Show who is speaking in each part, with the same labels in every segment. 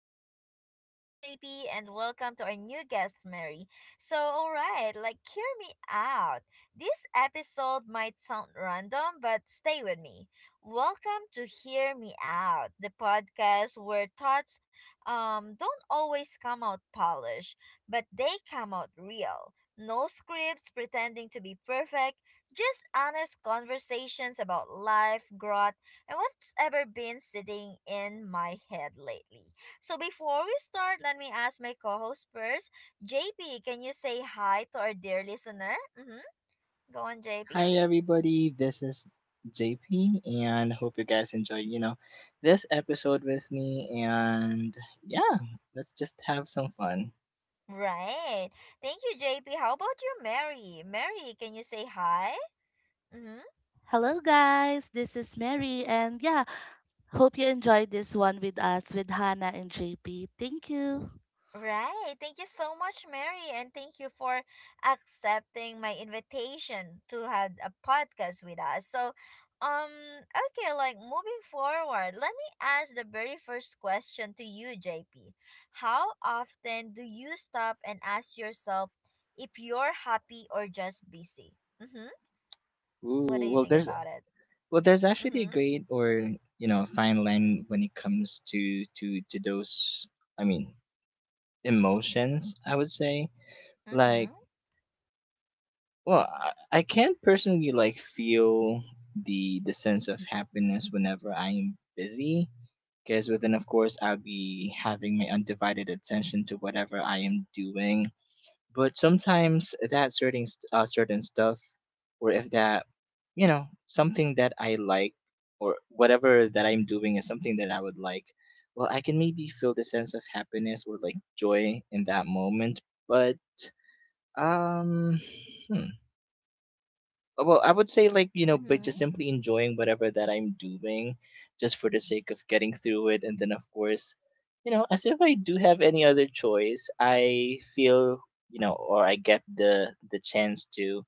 Speaker 1: episode. Welcome JP and welcome to our new guest Mary. So, all right, like hear me out. This episode might sound random, but stay with me. Welcome to Hear Me Out, the podcast where thoughts don't always come out polished, but they come out real. No scripts pretending to be perfect, just honest conversations about life, growth and what's ever been sitting in my head lately. So before we start, let me ask my co-host first. JP, can you say hi to our dear listener? Mm-hmm. Go on, JP.
Speaker 2: Hi everybody, this is JP and hope you guys enjoy, this episode with me and yeah, let's just have some fun.
Speaker 1: Right. Thank you, JP. How about you, Mary? Mary, can you say hi? Mm-hmm.
Speaker 3: Hello, guys. This is Mary, and yeah, hope you enjoyed this one with us with Hannah and JP. Thank you.
Speaker 1: Right. Thank you so much, Mary, and thank you for accepting my invitation to have a podcast with us. Um, okay, like moving forward, let me ask the very first question to you, JP. How often do you stop and ask yourself if you're happy or just busy? Mm-hmm. What do you
Speaker 2: Ooh,
Speaker 1: think about it?
Speaker 2: well there's
Speaker 1: Mm-hmm.
Speaker 2: actually a great or, fine line when it comes to those I mean, emotions, I would say.
Speaker 1: Mm-hmm.
Speaker 2: Like, well, I can't personally like feel the sense of happiness whenever I'm busy because within of course I'll be having my undivided attention to whatever I am doing, but sometimes that certain stuff or if that, you know, something that I like, or whatever that I'm doing is something that I would like, well I can maybe feel the sense of happiness or like joy in that moment. but um hmm, well, I would say like, you know, but
Speaker 1: Mm-hmm.
Speaker 2: just simply enjoying whatever that I'm doing just for the sake of getting through it. And then of course, you know, as if I do have any other choice, I feel, you know, or I get the chance to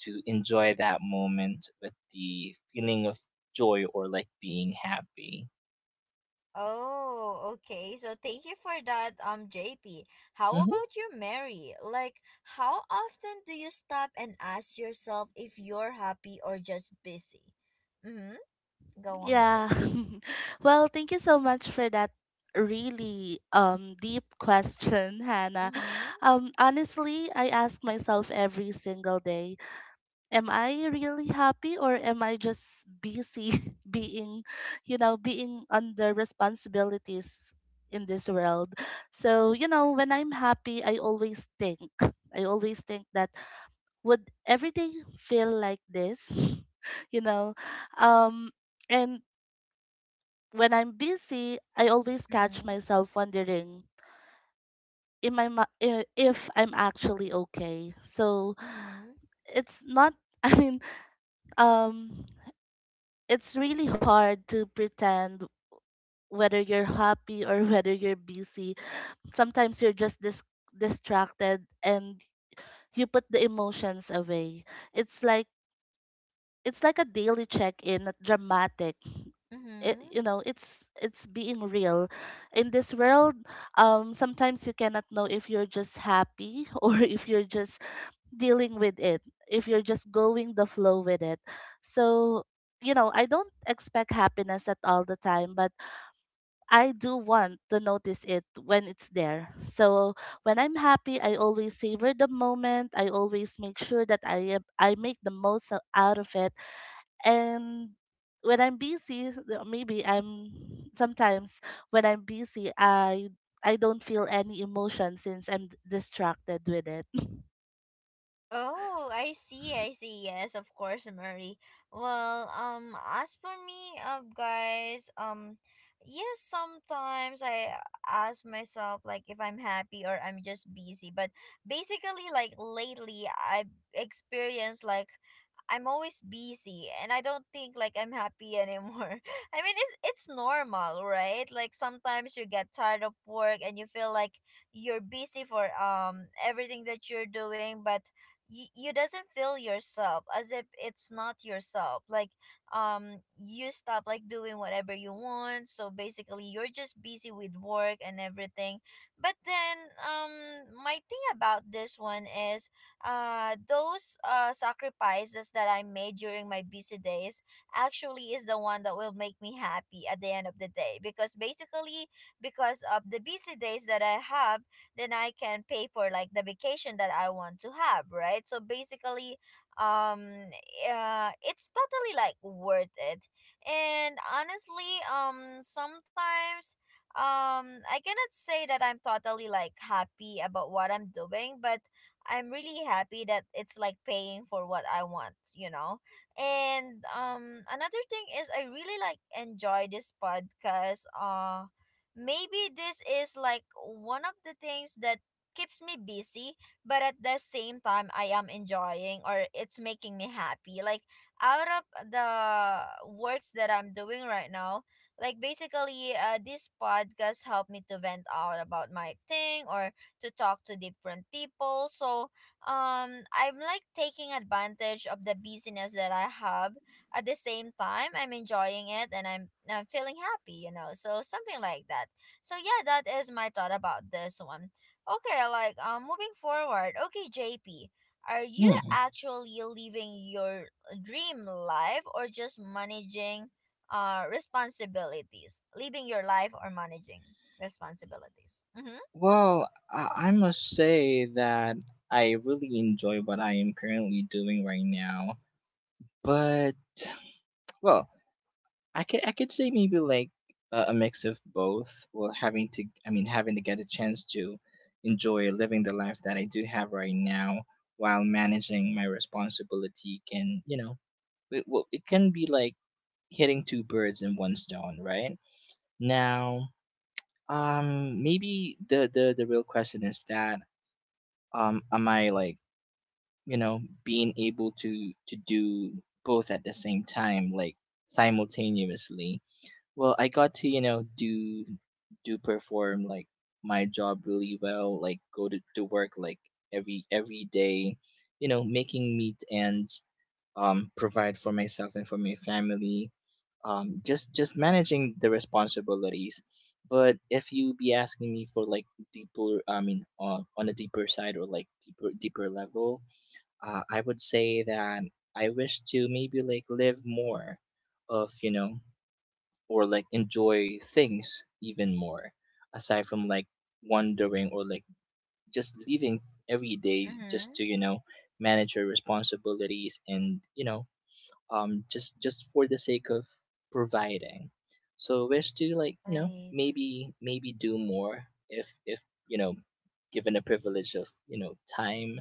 Speaker 2: enjoy that moment with the feeling of joy or like being happy.
Speaker 1: Oh, okay. So thank you for that, JP. How
Speaker 2: hmm
Speaker 1: about you, Mary? Like, how often do you stop and ask yourself if you're happy or just busy? Mm-hmm. Go on,
Speaker 3: Yeah.
Speaker 1: Mary.
Speaker 3: Thank you so much for that really deep question, Hannah.
Speaker 1: Mm-hmm.
Speaker 3: Honestly, I ask myself every single day, am I really happy or am I just busy being, being under responsibilities in this world? So, you know, when I'm happy, I always think that would every day feel like this? you know, um, and when I'm busy, I always catch
Speaker 1: Mm-hmm.
Speaker 3: myself wondering in if I'm actually okay. So
Speaker 1: Mm-hmm.
Speaker 3: it's not. I mean, um it's really hard to pretend whether you're happy or whether you're busy. Sometimes you're just distracted and you put the emotions away. It's like it's like a daily check-in, not dramatic. It,
Speaker 1: Mm-hmm.
Speaker 3: you know, It's being real. In this world, sometimes you cannot know if you're just happy or if you're just dealing with it, if you're just going the flow with it. So, you know, I don't expect happiness at all the time, but I do want to notice it when it's there. So when I'm happy, I always savor the moment. I always make sure that I make the out of it. And when I'm busy, th- maybe I'm sometimes when I'm busy, I don't feel any emotion since I'm distracted with it.
Speaker 1: Oh, I see, I see. Yes, of course, Murray. Well, as for me, guys, yes, sometimes I ask myself like if I'm happy or I'm just busy. But basically, like lately, I've experienced like I'm always busy and I don't think like I'm happy anymore. I mean, it's normal, right? Like sometimes you get tired of work and you feel like you're busy for everything that you're doing, but you doesn't feel yourself as if it's not yourself like you stop like doing whatever you want, so basically you're just busy with work and everything. But then my thing about this one is those sacrifices that I made during my busy days actually is the one that will make me happy at the end of the day. Because basically, because of the busy days that I have, then I can pay for like the vacation that I want to have, right? So basically, um, it's totally like worth it. And honestly, sometimes I cannot say that I'm totally like happy about what I'm doing, but I'm really happy that it's like paying for what I want, you know. And another thing is I really like enjoy this podcast. Maybe this is like one of the things that keeps me busy, but at the same time I am enjoying or it's making me happy. Like out of the works that I'm doing right now, like basically this podcast helped me to vent out about my thing or to talk to different people. So I'm like taking advantage of the busyness that I have. At the same time, I'm enjoying it and I'm feeling happy, you know. So something like that. So yeah, that is my thought about this one. Okay, like moving forward. Okay, JP, are you
Speaker 2: Hmm.
Speaker 1: actually living your dream life or just managing responsibilities? Living your life or managing responsibilities? Mhm.
Speaker 2: Well, I must say that I really enjoy what I am currently doing right now. But, well, I could say maybe like a mix of both. Well, having to I mean having to get a chance to enjoy living the life that I do have right now while managing my responsibility, can, you know, it, well, it can be like hitting two birds in one stone, right? Now, maybe the real question is that, am I like, you know, being able to do both at the same time, like simultaneously? Well, I got to, you know, do perform like my job really well, like go to work like every day, you know, making meat ends, provide for myself and for my family, just managing the responsibilities. But if you be asking me for like deeper, I mean, on a deeper side or like deeper level, I would say that I wish to maybe like live more of, you know, or like enjoy things even more aside from like wandering or like just leaving every day just to,
Speaker 1: Mhm.
Speaker 2: you know, manage your responsibilities. And you know, um, just for the sake of providing, so wish to like, you know,
Speaker 1: Right.
Speaker 2: maybe do more, if, you know, given the privilege of, you know, time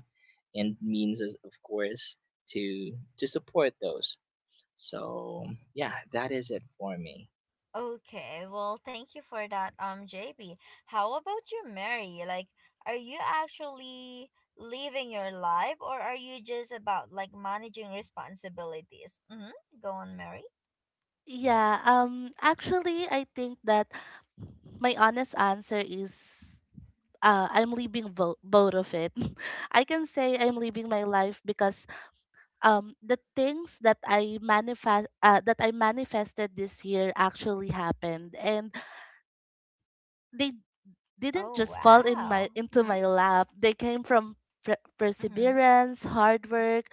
Speaker 2: and means as of course to support those. So yeah, that is it for me.
Speaker 1: Okay. Well, thank you for that, JB. How about you, Mary? Like, are you actually living your life, or are you just about like managing responsibilities? Mm-hmm. Go on, Mary.
Speaker 3: Yeah,
Speaker 1: Yes.
Speaker 3: actually I think that my honest answer is I'm leaving both of it. I can say I'm living my life because the things that I manifested this year actually happened, and they didn't
Speaker 1: Oh
Speaker 3: just fall in my
Speaker 1: wow.
Speaker 3: into
Speaker 1: Mm-hmm.
Speaker 3: my lap. They came from
Speaker 1: Mm-hmm.
Speaker 3: perseverance, hard work.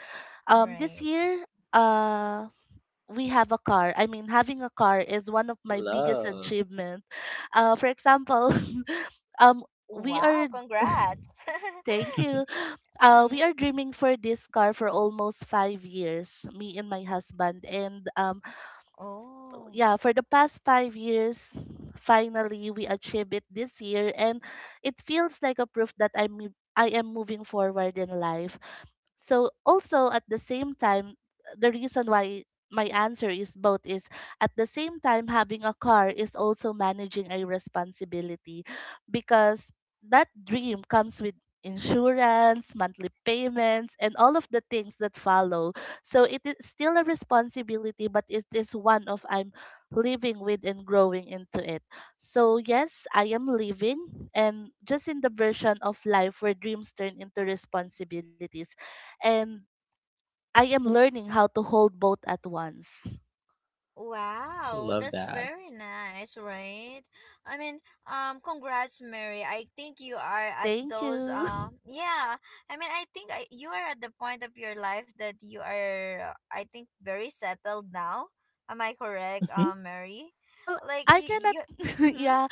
Speaker 3: This
Speaker 1: Right.
Speaker 3: year, uh, we have a car. I mean, having a car is one of my biggest
Speaker 2: Love.
Speaker 3: achievements. For example, um, we are.
Speaker 1: Wow. Congrats.
Speaker 3: Thank you.
Speaker 1: Mm-hmm.
Speaker 3: We are dreaming for this car for almost 5 years, me and my husband. And
Speaker 1: Oh.
Speaker 3: Yeah, for the past 5 years, finally we achieved it this year, and it feels like a proof that I am moving forward in life. So also at the same time, the reason why my answer is both is at the same time having a car is also managing a responsibility because that dream comes with insurance, monthly payments and all of the things that follow. So it is still a responsibility but it is one of I'm living with and growing into it. So yes, I am living and just in the version of life where dreams turn into responsibilities and I am learning how to hold both at once.
Speaker 1: Wow,
Speaker 2: Love
Speaker 1: that's
Speaker 2: that.
Speaker 1: very nice, right? I mean, congrats, Mary. I think you are at
Speaker 3: Thank
Speaker 1: those,
Speaker 3: you.
Speaker 1: yeah. I mean, I think you are at the point of your life that you are, I think, very settled now. Am I correct,
Speaker 2: hmm
Speaker 1: Mary?
Speaker 3: Well,
Speaker 1: Like
Speaker 3: I
Speaker 1: you,
Speaker 3: cannot
Speaker 1: you. Mm-hmm,
Speaker 3: yeah,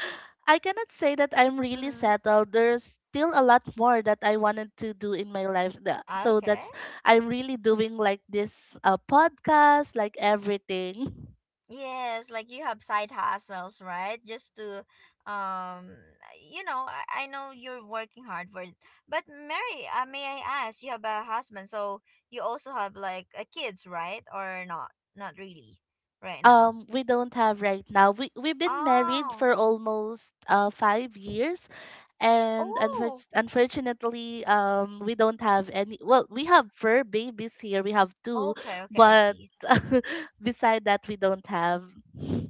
Speaker 3: I cannot say that I'm really
Speaker 1: mm-hmm.
Speaker 3: settled. There's still a lot more that I wanted to do in my life. So
Speaker 1: Okay.
Speaker 3: that's I'm really doing like this podcast, like everything.
Speaker 1: Yes, like you have side hustles, right? Just to, um, you know, I know you're working hard for it. But Mary, may I ask, you have a husband, so you also have like a kids, right? Or not? Not really, right now.
Speaker 3: We don't have right now. We've been married
Speaker 1: Oh,
Speaker 3: for almost 5 years and
Speaker 1: oh,
Speaker 3: unfortunately we don't have any. Well, we have fur babies here, we have two,
Speaker 1: okay, okay, I
Speaker 3: but
Speaker 1: see.
Speaker 3: beside that we don't have.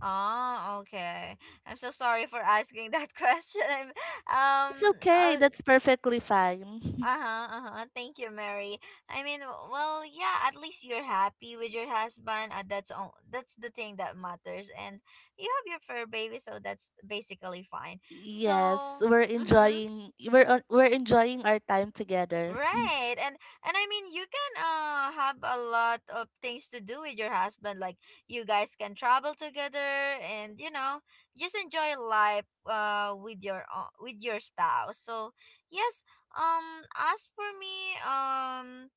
Speaker 1: Oh, okay. I'm so sorry for asking that question. Um,
Speaker 3: That's okay,
Speaker 1: uh,
Speaker 3: that's perfectly fine.
Speaker 1: Uh-huh, uh-huh. Thank you, Mary. I mean, yeah, at least you're happy with your husband. That's all, that's the thing that matters. And you have your fur baby, so that's basically fine.
Speaker 3: Yes,
Speaker 1: So,
Speaker 3: we're
Speaker 1: mhm.
Speaker 3: enjoying, we're enjoying our time together.
Speaker 1: Right. And I mean you can have a lot of things to do with your husband. Like you guys can travel together and you know, just enjoy life with your spouse. So, yes, as for me,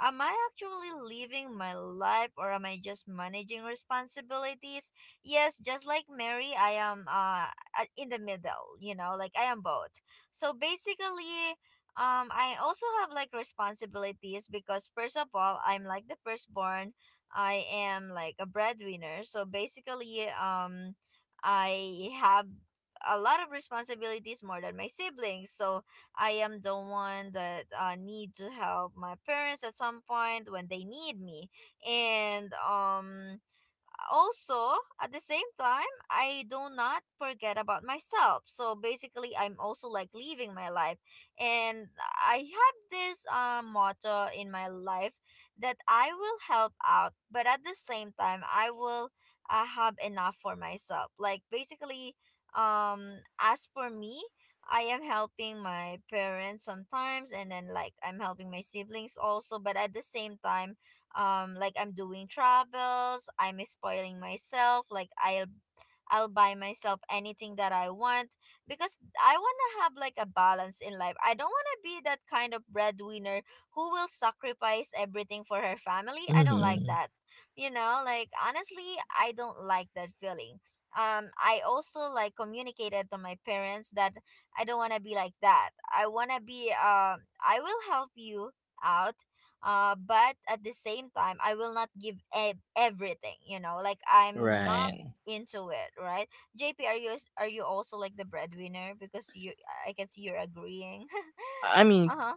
Speaker 1: am I actually living my life or am I just managing responsibilities? Yes, just like Mary, I am in the middle, you know, like I am both. So basically, I also have like responsibilities because first of all I'm like the firstborn. I am like a breadwinner. So basically I have a lot of responsibilities more than my siblings. So I am the one that need to help my parents at some point when they need me. And also at the same time I do not forget about myself, so basically I'm also like living my life. And I have this motto in my life that I will help out, but at the same time I will have enough for myself. Like basically as for me, I am helping my parents sometimes and then like I'm helping my siblings also, but at the same time like I'm doing travels, I'm spoiling myself. I'll buy myself anything that I want because I want to have like a balance in life. I don't want to be that kind of breadwinner who will sacrifice everything for her family. I don't like
Speaker 2: hmm
Speaker 1: that. You know, like honestly, I don't like that feeling. I also like communicated to my parents that I don't want to be like that. I want to be I will help you out but at the same time I will not give everything, you know? Like I'm not
Speaker 2: Right.
Speaker 1: into it, right? JP, are you also like the breadwinner? Because you, I can see you're agreeing.
Speaker 2: I I mean,
Speaker 1: Uh huh.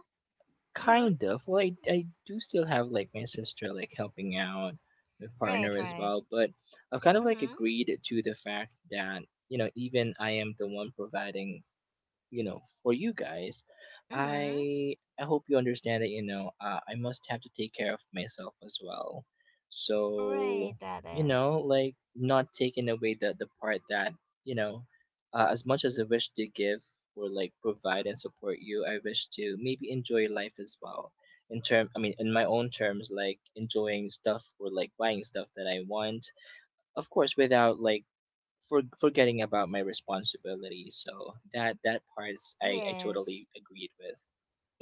Speaker 1: Mm-hmm.
Speaker 2: Kind of. Well, I do still have like my sister like helping out, my partner
Speaker 1: Right.
Speaker 2: as
Speaker 1: Right.
Speaker 2: well. But I've kind of like
Speaker 1: Mm-hmm.
Speaker 2: agreed to the fact that, you know, even I am the one providing, you know, for you guys.
Speaker 1: Mm-hmm.
Speaker 2: I hope you understand that, you know, I must have to take care of myself as well. So,
Speaker 1: Right. That
Speaker 2: you
Speaker 1: is.
Speaker 2: know, like not taking away the part that, you know, as much as I wish to give or like provide and support you, I wish to maybe enjoy life as well. I mean, in my own terms, like enjoying stuff or like buying stuff that I want, of course, without like forgetting about my responsibilities. So that that part is, I
Speaker 1: Yes.
Speaker 2: totally agreed with.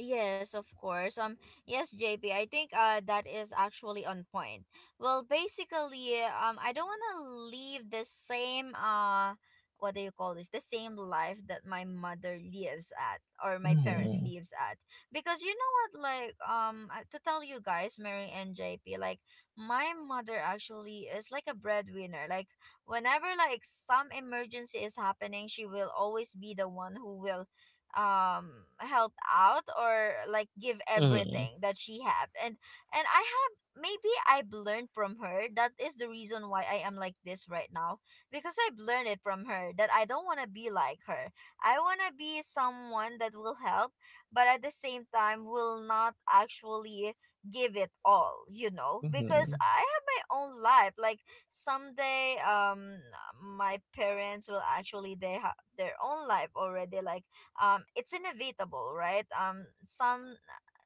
Speaker 1: Yes, of course. Yes, J P. I think that is actually on point. Well, basically, I don't want to leave the same what do you call this? The same life that my mother lives at or my parents lives at, because you know what? Like, to tell you guys, Mary and JP, like my mother actually is like a breadwinner. Like, whenever like some emergency is happening, she will always be the one who will help out or like give
Speaker 2: Mm-hmm. Mm-hmm.
Speaker 1: everything that she have. And I have maybe I've learned from her that is the reason why I am like this right now, because I've learned it from her that I don't want to be like her. I want to be someone that will help but at the same time will not actually give it all, you know, because
Speaker 2: Mm-hmm.
Speaker 1: I have my own life. Like someday my parents will actually they have their own life already. Like it's inevitable, right?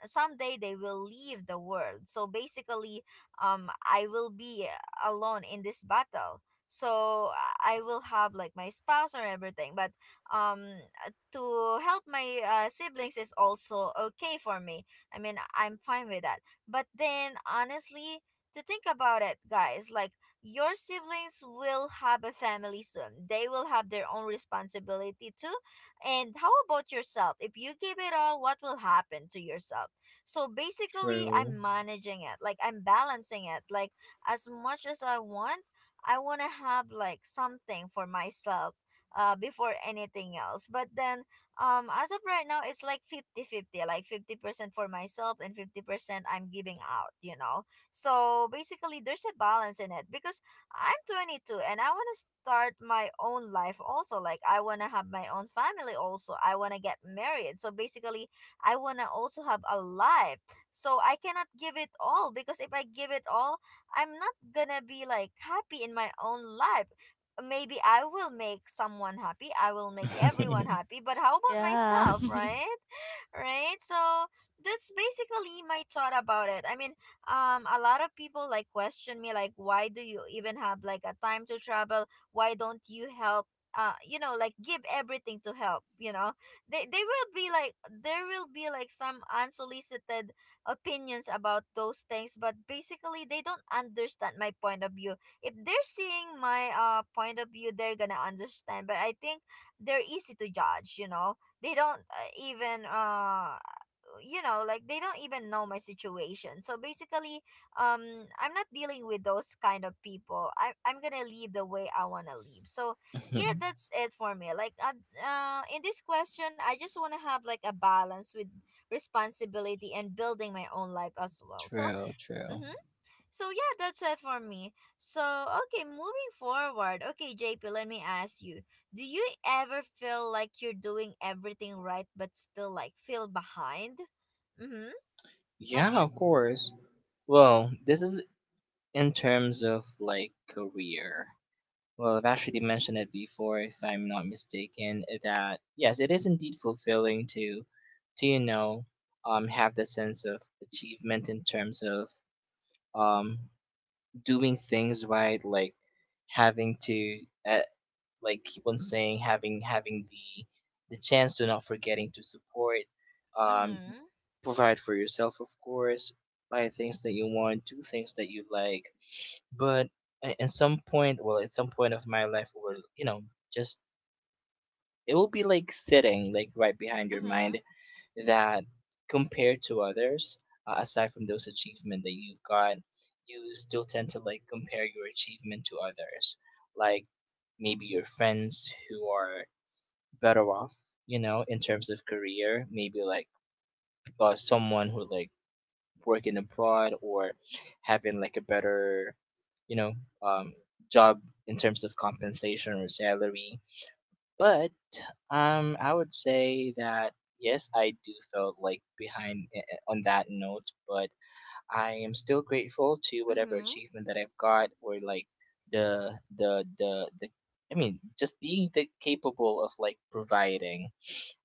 Speaker 1: Someday they will leave the world. So basically, I will be alone in this battle. So I will have like my spouse or everything, but um, to help my siblings is also okay for me. I mean, I'm fine with that. But then, honestly, to think about it, guys, like your siblings will have a family soon. They will have their own responsibility too. And how about yourself? If you give it all, what will happen to yourself? So basically,
Speaker 2: True.
Speaker 1: I'm managing it. Like I'm balancing it. Like as much as I want to have like something for myself before anything else. But then as of right now, it's like fifty-fifty. Like 50% for myself and 50% I'm giving out, you know. So basically, there's a balance in it because I'm 22 and I want to start my own life also. Like, I want to have my own family also. I want to get married. So basically, I want to also have a life. So I cannot give it all because if I give it all, I'm not gonna be like happy in my own life. Maybe I will make someone happy. I will make everyone happy. But how about
Speaker 3: Yeah.
Speaker 1: myself, right? Right? So that's basically my thought about it. I mean, a lot of people like question me like, "Why do you even have like a time to travel? Why don't you help, you know, like give everything to help, you know? They will be like there will be like some unsolicited opinions about those things." But basically they don't understand my point of view. If they're seeing my point of view, they're gonna understand. But I think they're easy to judge, you know. They don't even they don't even know my situation. So basically, I'm not dealing with those kind of people. I'm gonna leave the way I wanna leave. So yeah, that's it for me. Like in this question, I just wanna have like a balance with responsibility and building my own life as well. So
Speaker 2: True. True.
Speaker 1: mhm, so yeah, that's it for me. So okay, moving forward. Okay, JP, let me ask you, do you ever feel like you're doing everything right but still like feel behind? Mm-hmm. Have
Speaker 2: Yeah,
Speaker 1: you?
Speaker 2: of course. Well, this is In terms of like career, well, I've actually mentioned it before, if I'm not mistaken, that yes, it is indeed fulfilling to, you know, have the sense of achievement in terms of, um, doing things right, like having to, uh, like keep on saying having the chance to not forgetting to support, um,
Speaker 1: Mm-hmm.
Speaker 2: provide for yourself, of course, buy things that you want, do things that you like. But at some point, of my life, or you know, just it will be like sitting like right behind your
Speaker 1: Mm-hmm.
Speaker 2: mind, that compared to others, aside from those achievement that you've got, you still tend to like compare your achievement to others, like maybe your friends who are better off, you know, in terms of career, maybe like, someone who like working abroad or having like a better, you know, um, job in terms of compensation or salary. But um, I would say that yes, I do feel like behind on that note. But I am still grateful to whatever
Speaker 1: Mm-hmm.
Speaker 2: achievement that I've got, or like the the, I mean just being capable of like providing.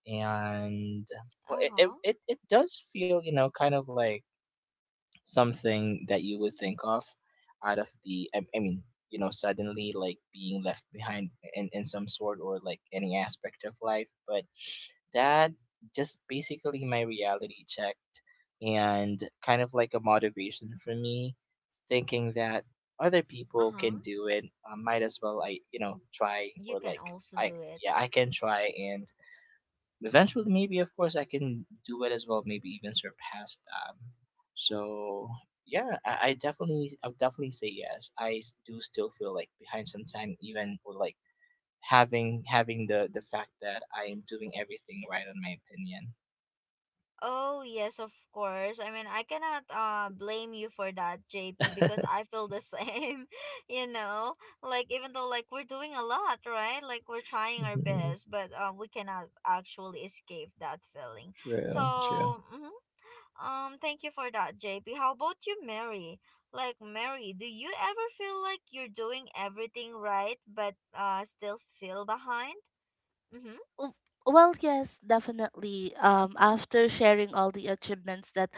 Speaker 2: And well,
Speaker 1: Uh-huh.
Speaker 2: it does feel, you know, kind of like something that you would think of out of the I mean, you know, suddenly like being left behind in some sort or like any aspect of life. But that just basically my reality checked, and kind of like a motivation for me thinking that other people
Speaker 1: Uh-huh.
Speaker 2: can do it, I might as well, I you know, try
Speaker 1: You
Speaker 2: or
Speaker 1: can
Speaker 2: like,
Speaker 1: also
Speaker 2: I
Speaker 1: do it.
Speaker 2: yeah, I can try, and eventually maybe of course I can do it as well, maybe even surpass that. So yeah, I definitely, I would definitely say yes, do still feel like behind sometime even, or like having the fact that I am doing everything right in my
Speaker 1: Oh, yes, of course. I mean, I cannot blame you for that, JP,
Speaker 2: opinion.
Speaker 1: because I feel the same, you know? Like, even though like we're doing a lot, right? Like we're trying our
Speaker 2: Mhm.
Speaker 1: best, but we cannot actually escape that feeling.
Speaker 2: True, true.
Speaker 1: So, mhm. Thank you for that, JP. How about you, Mary? Like Mary, do you ever feel like you're doing everything right but still feel behind? Mhm.
Speaker 3: w- Well, yes, definitely. After sharing all the achievements that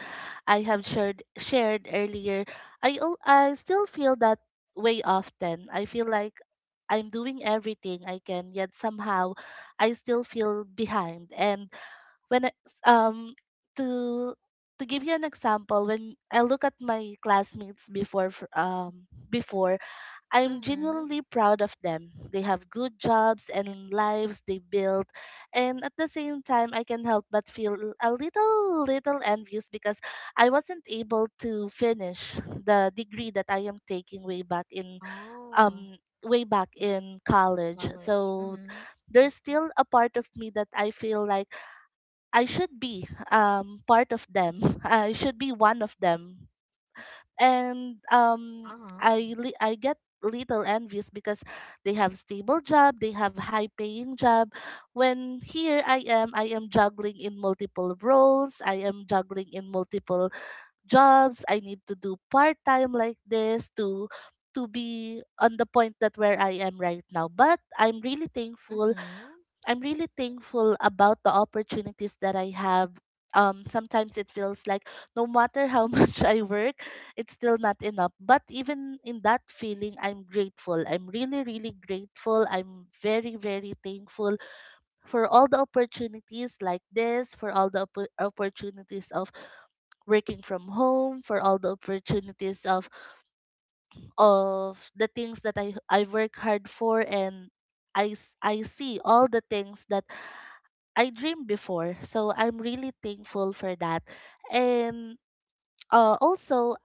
Speaker 3: I have shared earlier, I still feel that way often. I feel like I'm doing everything I can, yet somehow I still feel behind. And when I- um to to give you an example, when I look at my classmates before fr- before I'm
Speaker 1: Mhm.
Speaker 3: genuinely proud of them. They have good jobs and lives they built. And at the same time, I can help but feel a little, little envious because I wasn't able to finish the degree that I am taking
Speaker 1: Oh,
Speaker 3: um way back in college.
Speaker 1: college.
Speaker 3: So
Speaker 1: Mhm.
Speaker 3: there's still a part of me that I feel like I should be part of them. I should be one of them and
Speaker 1: Uh-huh.
Speaker 3: I get little envious because they have stable job, they have high paying job when here I am, I am juggling in multiple roles, I am juggling in multiple jobs, I need to do part time like this to be on the point that where I am right now but
Speaker 1: Mm-hmm.
Speaker 3: I'm really thankful about the opportunities that I have. Sometimes it feels like no matter how much I work, it's still not enough. But even in that feeling, I'm grateful. I'm really, really grateful. I'm very, very thankful for all the opportunities like this, for all the opportunities of working from home, for all the opportunities of the things that I work hard for and I see all the things that I dreamed before. So I'm really thankful for that. And uh, also,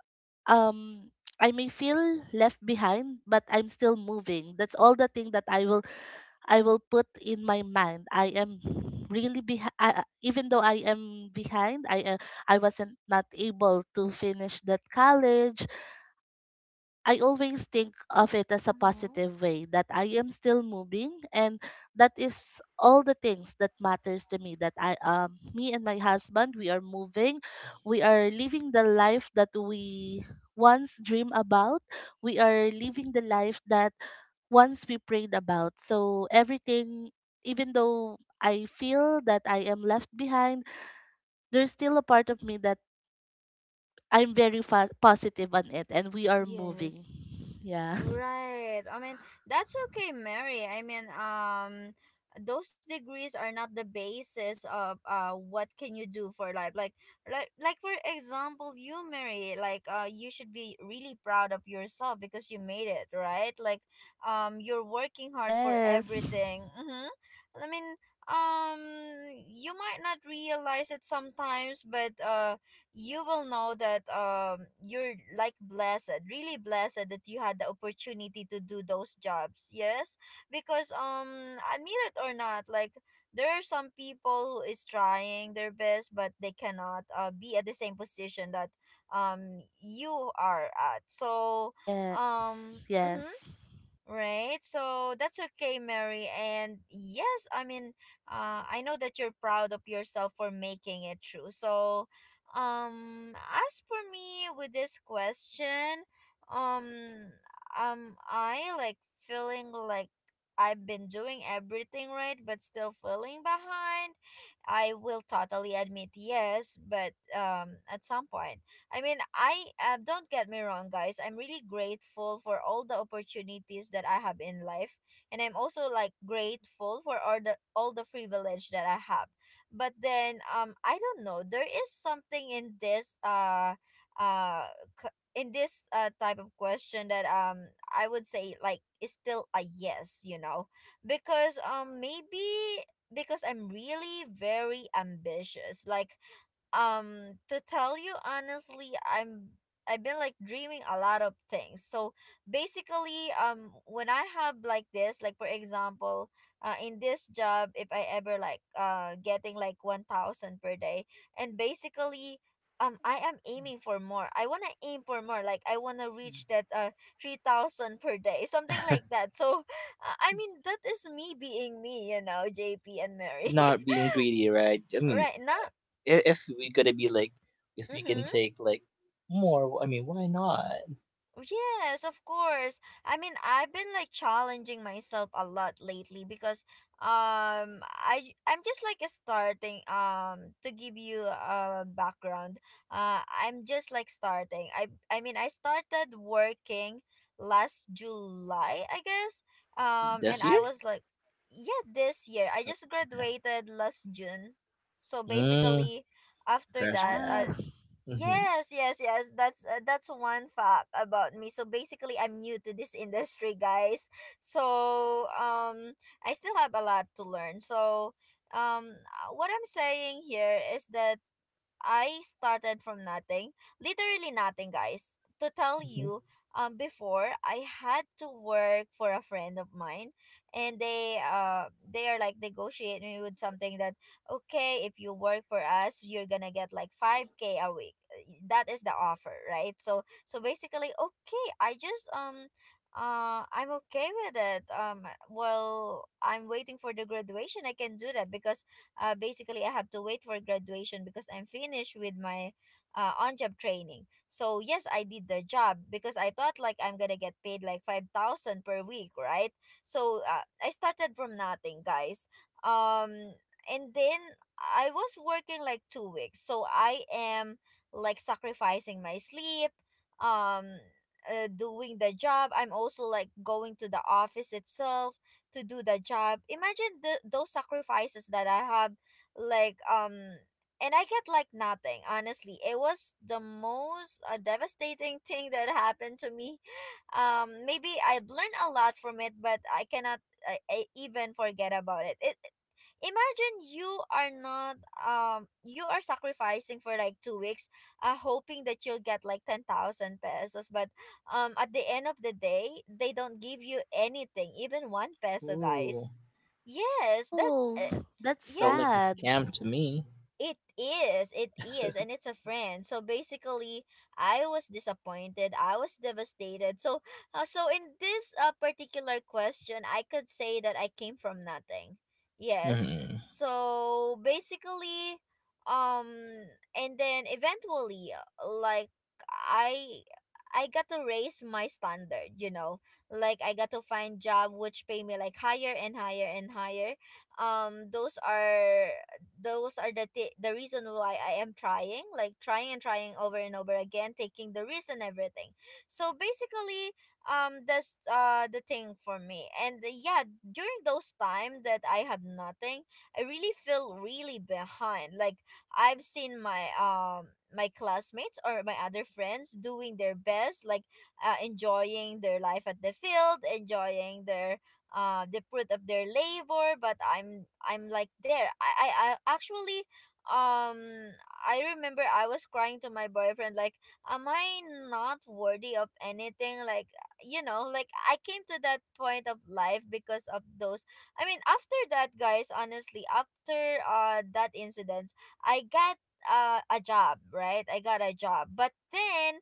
Speaker 3: um, I may feel left behind, but I'm still moving. That's all the thing that I will put in my mind. I am really behind. Even though I am behind, I wasn't not able to finish that college. I always think of it as a
Speaker 1: Mm-hmm.
Speaker 3: positive way that I am still moving and that is all the things that matters to me that I me and my husband, we are moving, we are living the life that we once dream about, we are living the life that once we prayed about, so everything, even though I feel that I am left behind, there's still a part of me that positive on it and we are moving.
Speaker 1: Yes.
Speaker 3: Yeah.
Speaker 1: Right. I mean, that's okay, Mary. I mean, those degrees are not the basis of what can you do for life. Like for example, you, Mary, like you should be really proud of yourself because you made it, right? Like you're working hard for
Speaker 3: Yes.
Speaker 1: everything. Mm-hmm. I mean, um you might not realize it sometimes, but you will know that you're like blessed, really blessed that you had the opportunity to do those jobs. Yes, because admit it or not, like there are some people who is trying their best but they cannot be at the same position that you are at. So
Speaker 3: Yes. Yes.
Speaker 1: mhm, right. So that's okay, Mary. And yes, I mean, I know that you're proud of yourself for making it true. So, as for me with this question, um, I like feeling like I've been doing everything right, but still feeling behind. I will totally admit yes, but at some point. I mean, I don't get me wrong, guys. I'm really grateful for all the opportunities that I have in life, and I'm also like grateful for all the privilege that I have. But then, I don't know. There is something in this uh, type of question that I would say like is still a yes, you know, because maybe because I'm really very ambitious, like to tell you honestly, I've been like dreaming a lot of things. So basically, when I have like this, like for example, in this job, if I ever like getting like 1,000 per day, and basically I am aiming for more. I want to aim for more, like I want to reach that 3,000 per day something like that. So I mean, that is me being me, you know, JP and Mary.
Speaker 2: Not being greedy, right? I mean,
Speaker 1: Right now.
Speaker 2: if we gotta be like, if we can
Speaker 1: Mhm.
Speaker 2: take like more, I mean, why not?
Speaker 1: Yes, of course. I mean, I've been like challenging myself a lot lately because I'm just like starting, to give you a background. I'm just like starting. I mean, I started working last July, I guess. And
Speaker 2: This
Speaker 1: I
Speaker 2: year?
Speaker 1: was like, yeah, this year. I
Speaker 2: Oh,
Speaker 1: just
Speaker 2: okay.
Speaker 1: graduated last June. So
Speaker 2: Mm,
Speaker 1: basically after
Speaker 2: fresh
Speaker 1: that,
Speaker 3: Wow.
Speaker 2: grad. Mhm,
Speaker 1: yes, yes, yes. That's one fact about me. So basically, I'm new to this industry, guys. So I still have a lot to learn. So what I'm saying here is that I started from nothing, literally nothing, guys. To tell
Speaker 2: mhm.
Speaker 1: you, before I had to work for a friend of mine, and they are like negotiating me with something that, okay, if you work for us, you're gonna get like five k a week. That is the offer, right? So so basically, okay, I just I'm okay with it. Well, I'm waiting for the graduation. I can do that because basically I have to wait for graduation because I'm finished with my on-job training. So yes, I did the job because I thought like I'm gonna get paid like 5,000 per week, right? So I started from nothing, guys. Um, and then I was working like 2 weeks, so I am like sacrificing my sleep. Um, doing the job. I'm also like going to the office itself to do that job. Imagine those sacrifices that I have, like and I get like nothing. Honestly, it was the most devastating thing that happened to me. Maybe I've learned a lot from it, but I cannot, I even forget about it. Imagine you are not you are sacrificing for like 2 weeks, hoping that you'll get like 10,000 pesos, but at the end of the day they don't give you anything, even 1 peso,
Speaker 2: Ooh,
Speaker 1: guys. Yes, that
Speaker 3: Oh,
Speaker 1: uh,
Speaker 3: that's
Speaker 2: felt
Speaker 1: yes,
Speaker 2: like a
Speaker 3: sad.
Speaker 2: scam to me.
Speaker 1: it is, and it's a friend. So basically, I was disappointed. I was devastated. So, so in this particular question, I could say that I came from nothing. Yes.
Speaker 2: Mhm.
Speaker 1: So basically, um, and then eventually, like I, I got to raise my standard. You know, like I got to find job which pay me like higher and higher and higher. Those are the the reason why I am trying, like trying and trying over and over again, taking the risk and everything. So basically, that's the thing for me. And yeah, during those time that I have nothing, I really feel really behind. Like I've seen my my classmates or my other friends doing their best, like enjoying their life at the field, enjoying their the fruit of their labor. But I'm like there, I actually um I remember I was crying to my boyfriend like, am I not worthy of anything, like, you know? Like I came to that point of life because of those. I mean after that, guys, honestly after that incident, I got a job, right? I got a job, but then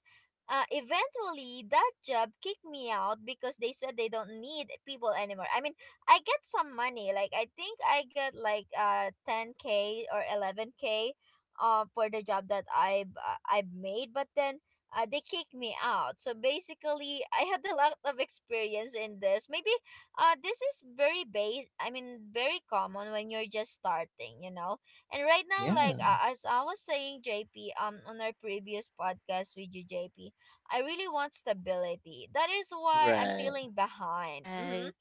Speaker 1: eventually that job kicked me out because they said they don't need people anymore. I mean, I get some money. Like I think I get like 10k or 11k for the job that I I've made, but then they kicked me out. So basically, I had a lot of experience in this. Maybe this is very base I mean very common when you're just starting, you know. And right now like
Speaker 2: Yeah,
Speaker 1: as I was saying, JP, on our previous podcast with you, JP, I really want stability. That is why I'm
Speaker 2: right.
Speaker 1: feeling behind. Mhm,
Speaker 3: Right.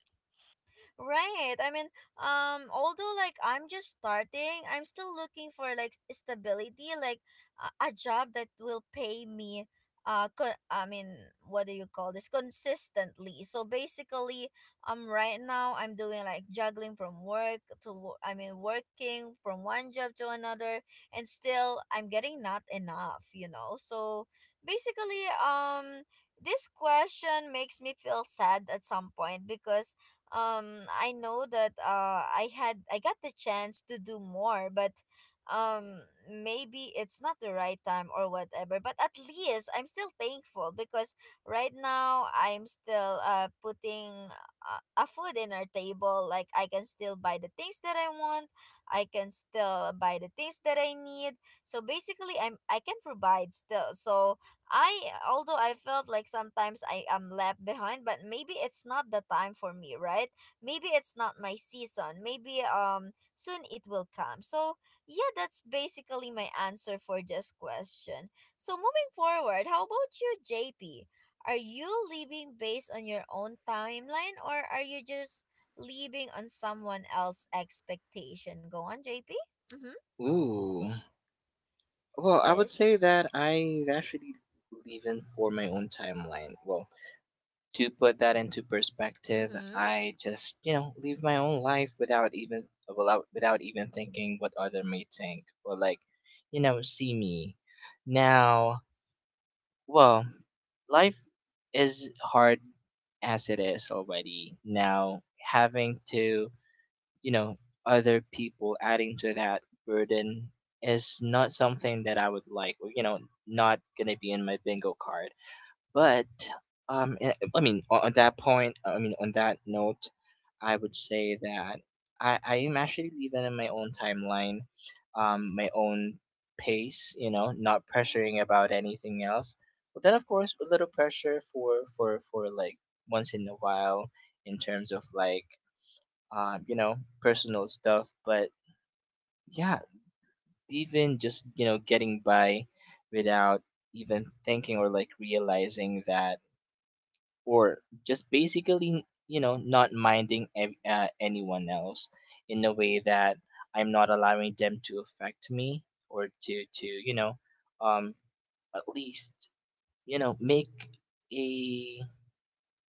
Speaker 1: right. I mean, although like I'm just starting, I'm still looking for like stability, like a job that will pay me. I mean, what do you call this? Consistently. So basically, right now I'm doing like juggling from work to, I mean, working from one job to another, and still I'm getting not enough. You know. So basically, this question makes me feel sad at some point because I know that I got the chance to do more, but maybe it's not the right time or whatever, but at least I'm still thankful because right now I'm still putting a food in our table. Like I can still buy the things that I want, I can still buy the things that I need. So basically, I can provide still. So I, although I felt like sometimes I am left behind, but maybe it's not the time for me, right? Maybe it's not my season. Maybe soon it will come. So yeah, that's basically my answer for this question. So moving forward, how about you, JP? Are you living based on your own timeline, or are you just living on someone else's expectation? Go on, JP. Mm-hmm.
Speaker 2: Ooh. Well, I would
Speaker 1: Yes.
Speaker 2: say that I actually leave in for my own timeline. Well, to put that into perspective,
Speaker 1: Mm-hmm.
Speaker 2: I just, you know, live my own life without, without even thinking what other may think or like, you know, see me. Now, well, life is hard as it is already. Now, having to, you know, other people adding to that burden is not something that I would like, or, you know, not going to be in my bingo card. But on that point, I mean, on that note, I would say that I am actually living in my own timeline, my own pace. You know, not pressuring about anything else. But then, of course, a little pressure for like once in a while in terms of like, you know, personal stuff. But yeah, even just, you know, getting by without even thinking or like realizing that, or just basically, you know, not minding anyone else in a way that I'm not allowing them to affect me or to you know, um, at least, you know, make a,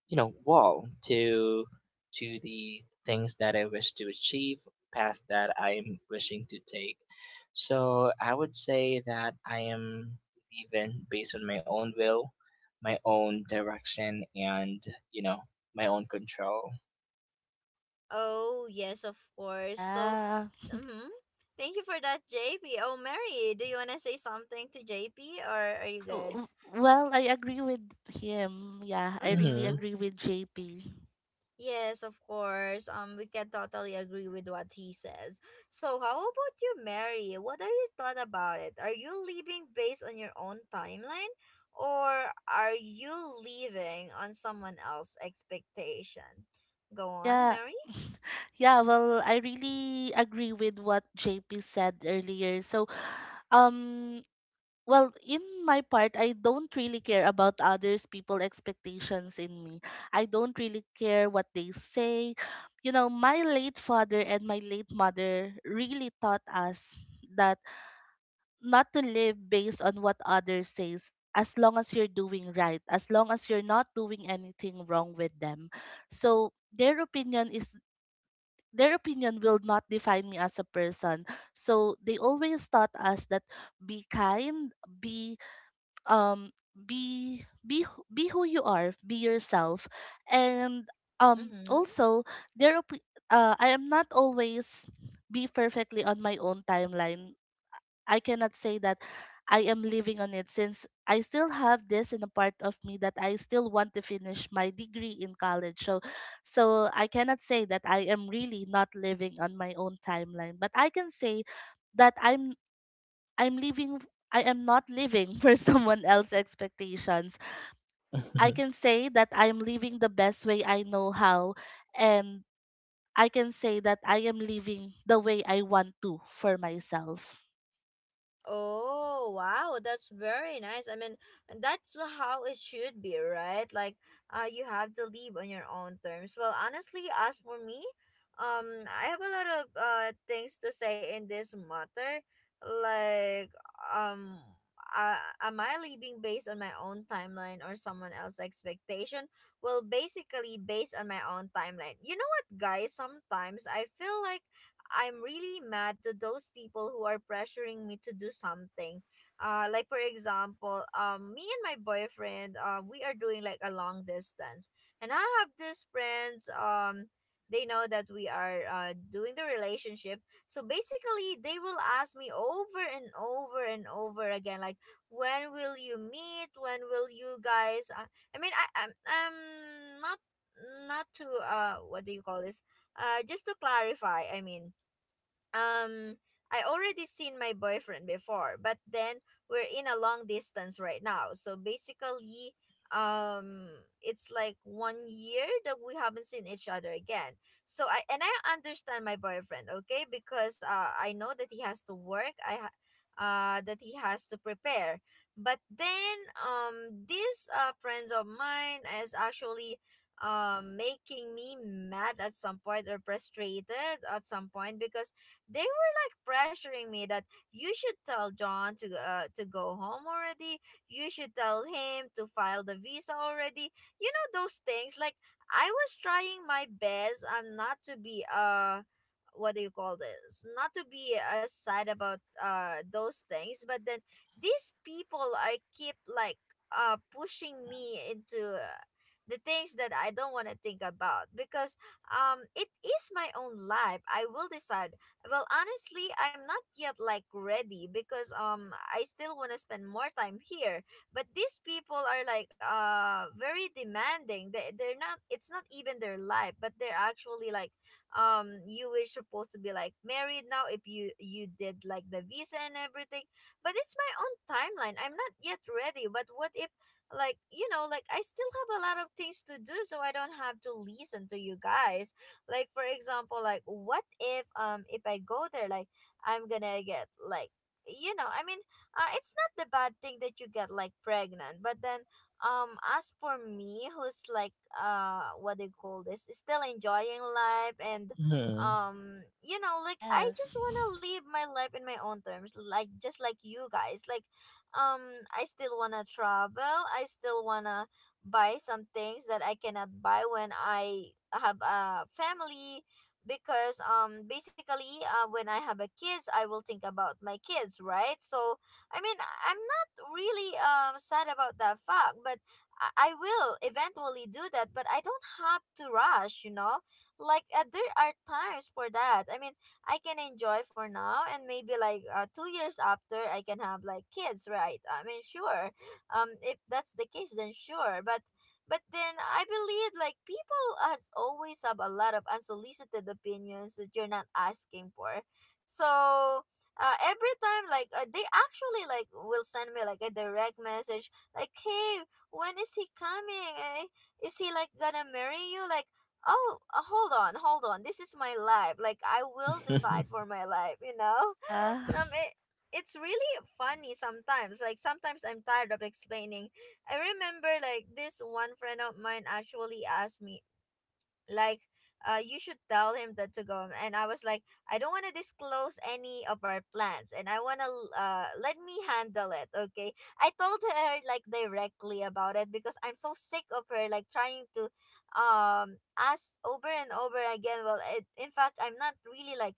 Speaker 2: you know, wall to the things that I wish to achieve, path that I'm wishing to take. So I would say that I am living based on my own will, my own direction, and, you know, my own control.
Speaker 1: Oh, yes, of course. So
Speaker 3: Yeah.
Speaker 1: mm-hmm. Thank you for that, JP. Oh, Mary, do you want to say something to JP or are you
Speaker 3: Uh,
Speaker 1: good?
Speaker 3: w- Well, I agree with him. Yeah, I really
Speaker 1: Mm-hmm.
Speaker 2: hmm
Speaker 3: agree with JP.
Speaker 1: Yes, of course. We can totally agree with what he says. So, how about you, Mary? What are your thought about it? Are you living based on your own timeline, or are you living on someone else's expectation? Go on,
Speaker 3: Yeah.
Speaker 1: Mary.
Speaker 3: Yeah, well, I really agree with what JP said earlier. So, um, well, in my part, I don't really care about others people expectations in me. I don't really care what they say. You know, my late father and my late mother really taught us that not to live based on what others says. As long as you're doing right, as long as you're not doing anything wrong with them, so their opinion will not define me as a person. So they always taught us that be kind, be, um be be who you are, be yourself. And
Speaker 1: Mm-hmm.
Speaker 3: also there are p- I am not always be perfectly on my own timeline. I cannot say that I am living on it since I still have this in a part of me that I still want to finish my degree in college. So so I cannot say that I am really not living on my own timeline, but I can say that I'm living. I am not living for someone else's expectations. I can say that I am living the best way I know how and I can say that I am living the way I want to for myself.
Speaker 1: Oh, wow, that's very nice. I mean, that's how it should be, right? Like, you have to live on your own terms. Well, honestly, as for me, I have a lot of things to say in this matter. Like, um, am I living based on my own timeline or someone else's expectation? Well, basically, based on my own timeline. You know what, guys? Sometimes I feel like I'm really mad to those people who are pressuring me to do something. Like for example, me and my boyfriend, we are doing like a long distance, and I have these friends. They know that we are doing the relationship, so basically they will ask me over and over and over again, like when will you meet? When will you guys? I mean, I'm not not to what do you call this? Just to clarify, I mean um I already seen my boyfriend before, but then we're in a long distance right now. So basically, um it's like 1 year that we haven't seen each other again. So I and I understand my boyfriend, okay? Because I know that he has to work. That he has to prepare. But then these friends of mine is actually making me mad at some point or frustrated at some point because they were like pressuring me that you should tell John to go home already. You should tell him to file the visa already. You know those things. Like I was trying my best not to be what do you call this? Not to be sad about those things, but then these people are keep like pushing me into the things that I don't want to think about because it is my own life. I will decide. Well, honestly, I'm not yet like ready because I still want to spend more time here. But these people are like very demanding. They're not, it's not even their life, but they're actually like you were supposed to be like married now if you did like the visa and everything. But it's my own timeline. I'm not yet ready. But what if like you know like I still have a lot of things to do so I don't have to listen to you guys. Like for example, like what if I go there like I'm gonna get like you know, I mean, it's not the bad thing that you get like pregnant, but then as for me who's like what do you call this still enjoying life, and
Speaker 2: hmm
Speaker 1: you know, like I
Speaker 3: Yes.
Speaker 1: just want to live my life in my own terms like just like you guys. Like I still want to travel, I still want to buy some things that I cannot buy when I have a family, because basically when I have a kids I will think about my kids, right? So I mean I'm not really sad about that fact, but I will eventually do that, but I don't have to rush, you know. Like there are times for that, I mean I can enjoy for now and maybe like 2 years after I can have like kids, right? I mean sure, if that's the case then sure. But then I believe like people has always have a lot of unsolicited opinions that you're not asking for. So every time like they actually like will send me like a direct message like hey, when is he coming, eh? Is he like gonna marry you, like oh hold on, hold on, this is my life, like I will decide for my life, you know.
Speaker 3: Yeah.
Speaker 1: um, it, it's really funny sometimes. Like sometimes I'm tired of explaining. I remember like this one friend of mine actually asked me like you should tell him that to go, and I was like I don't want to disclose any of our plans, and I want to let me handle it, okay? I told her like directly about it because I'm so sick of her like trying to ask over and over again. Well, in fact, I'm not really like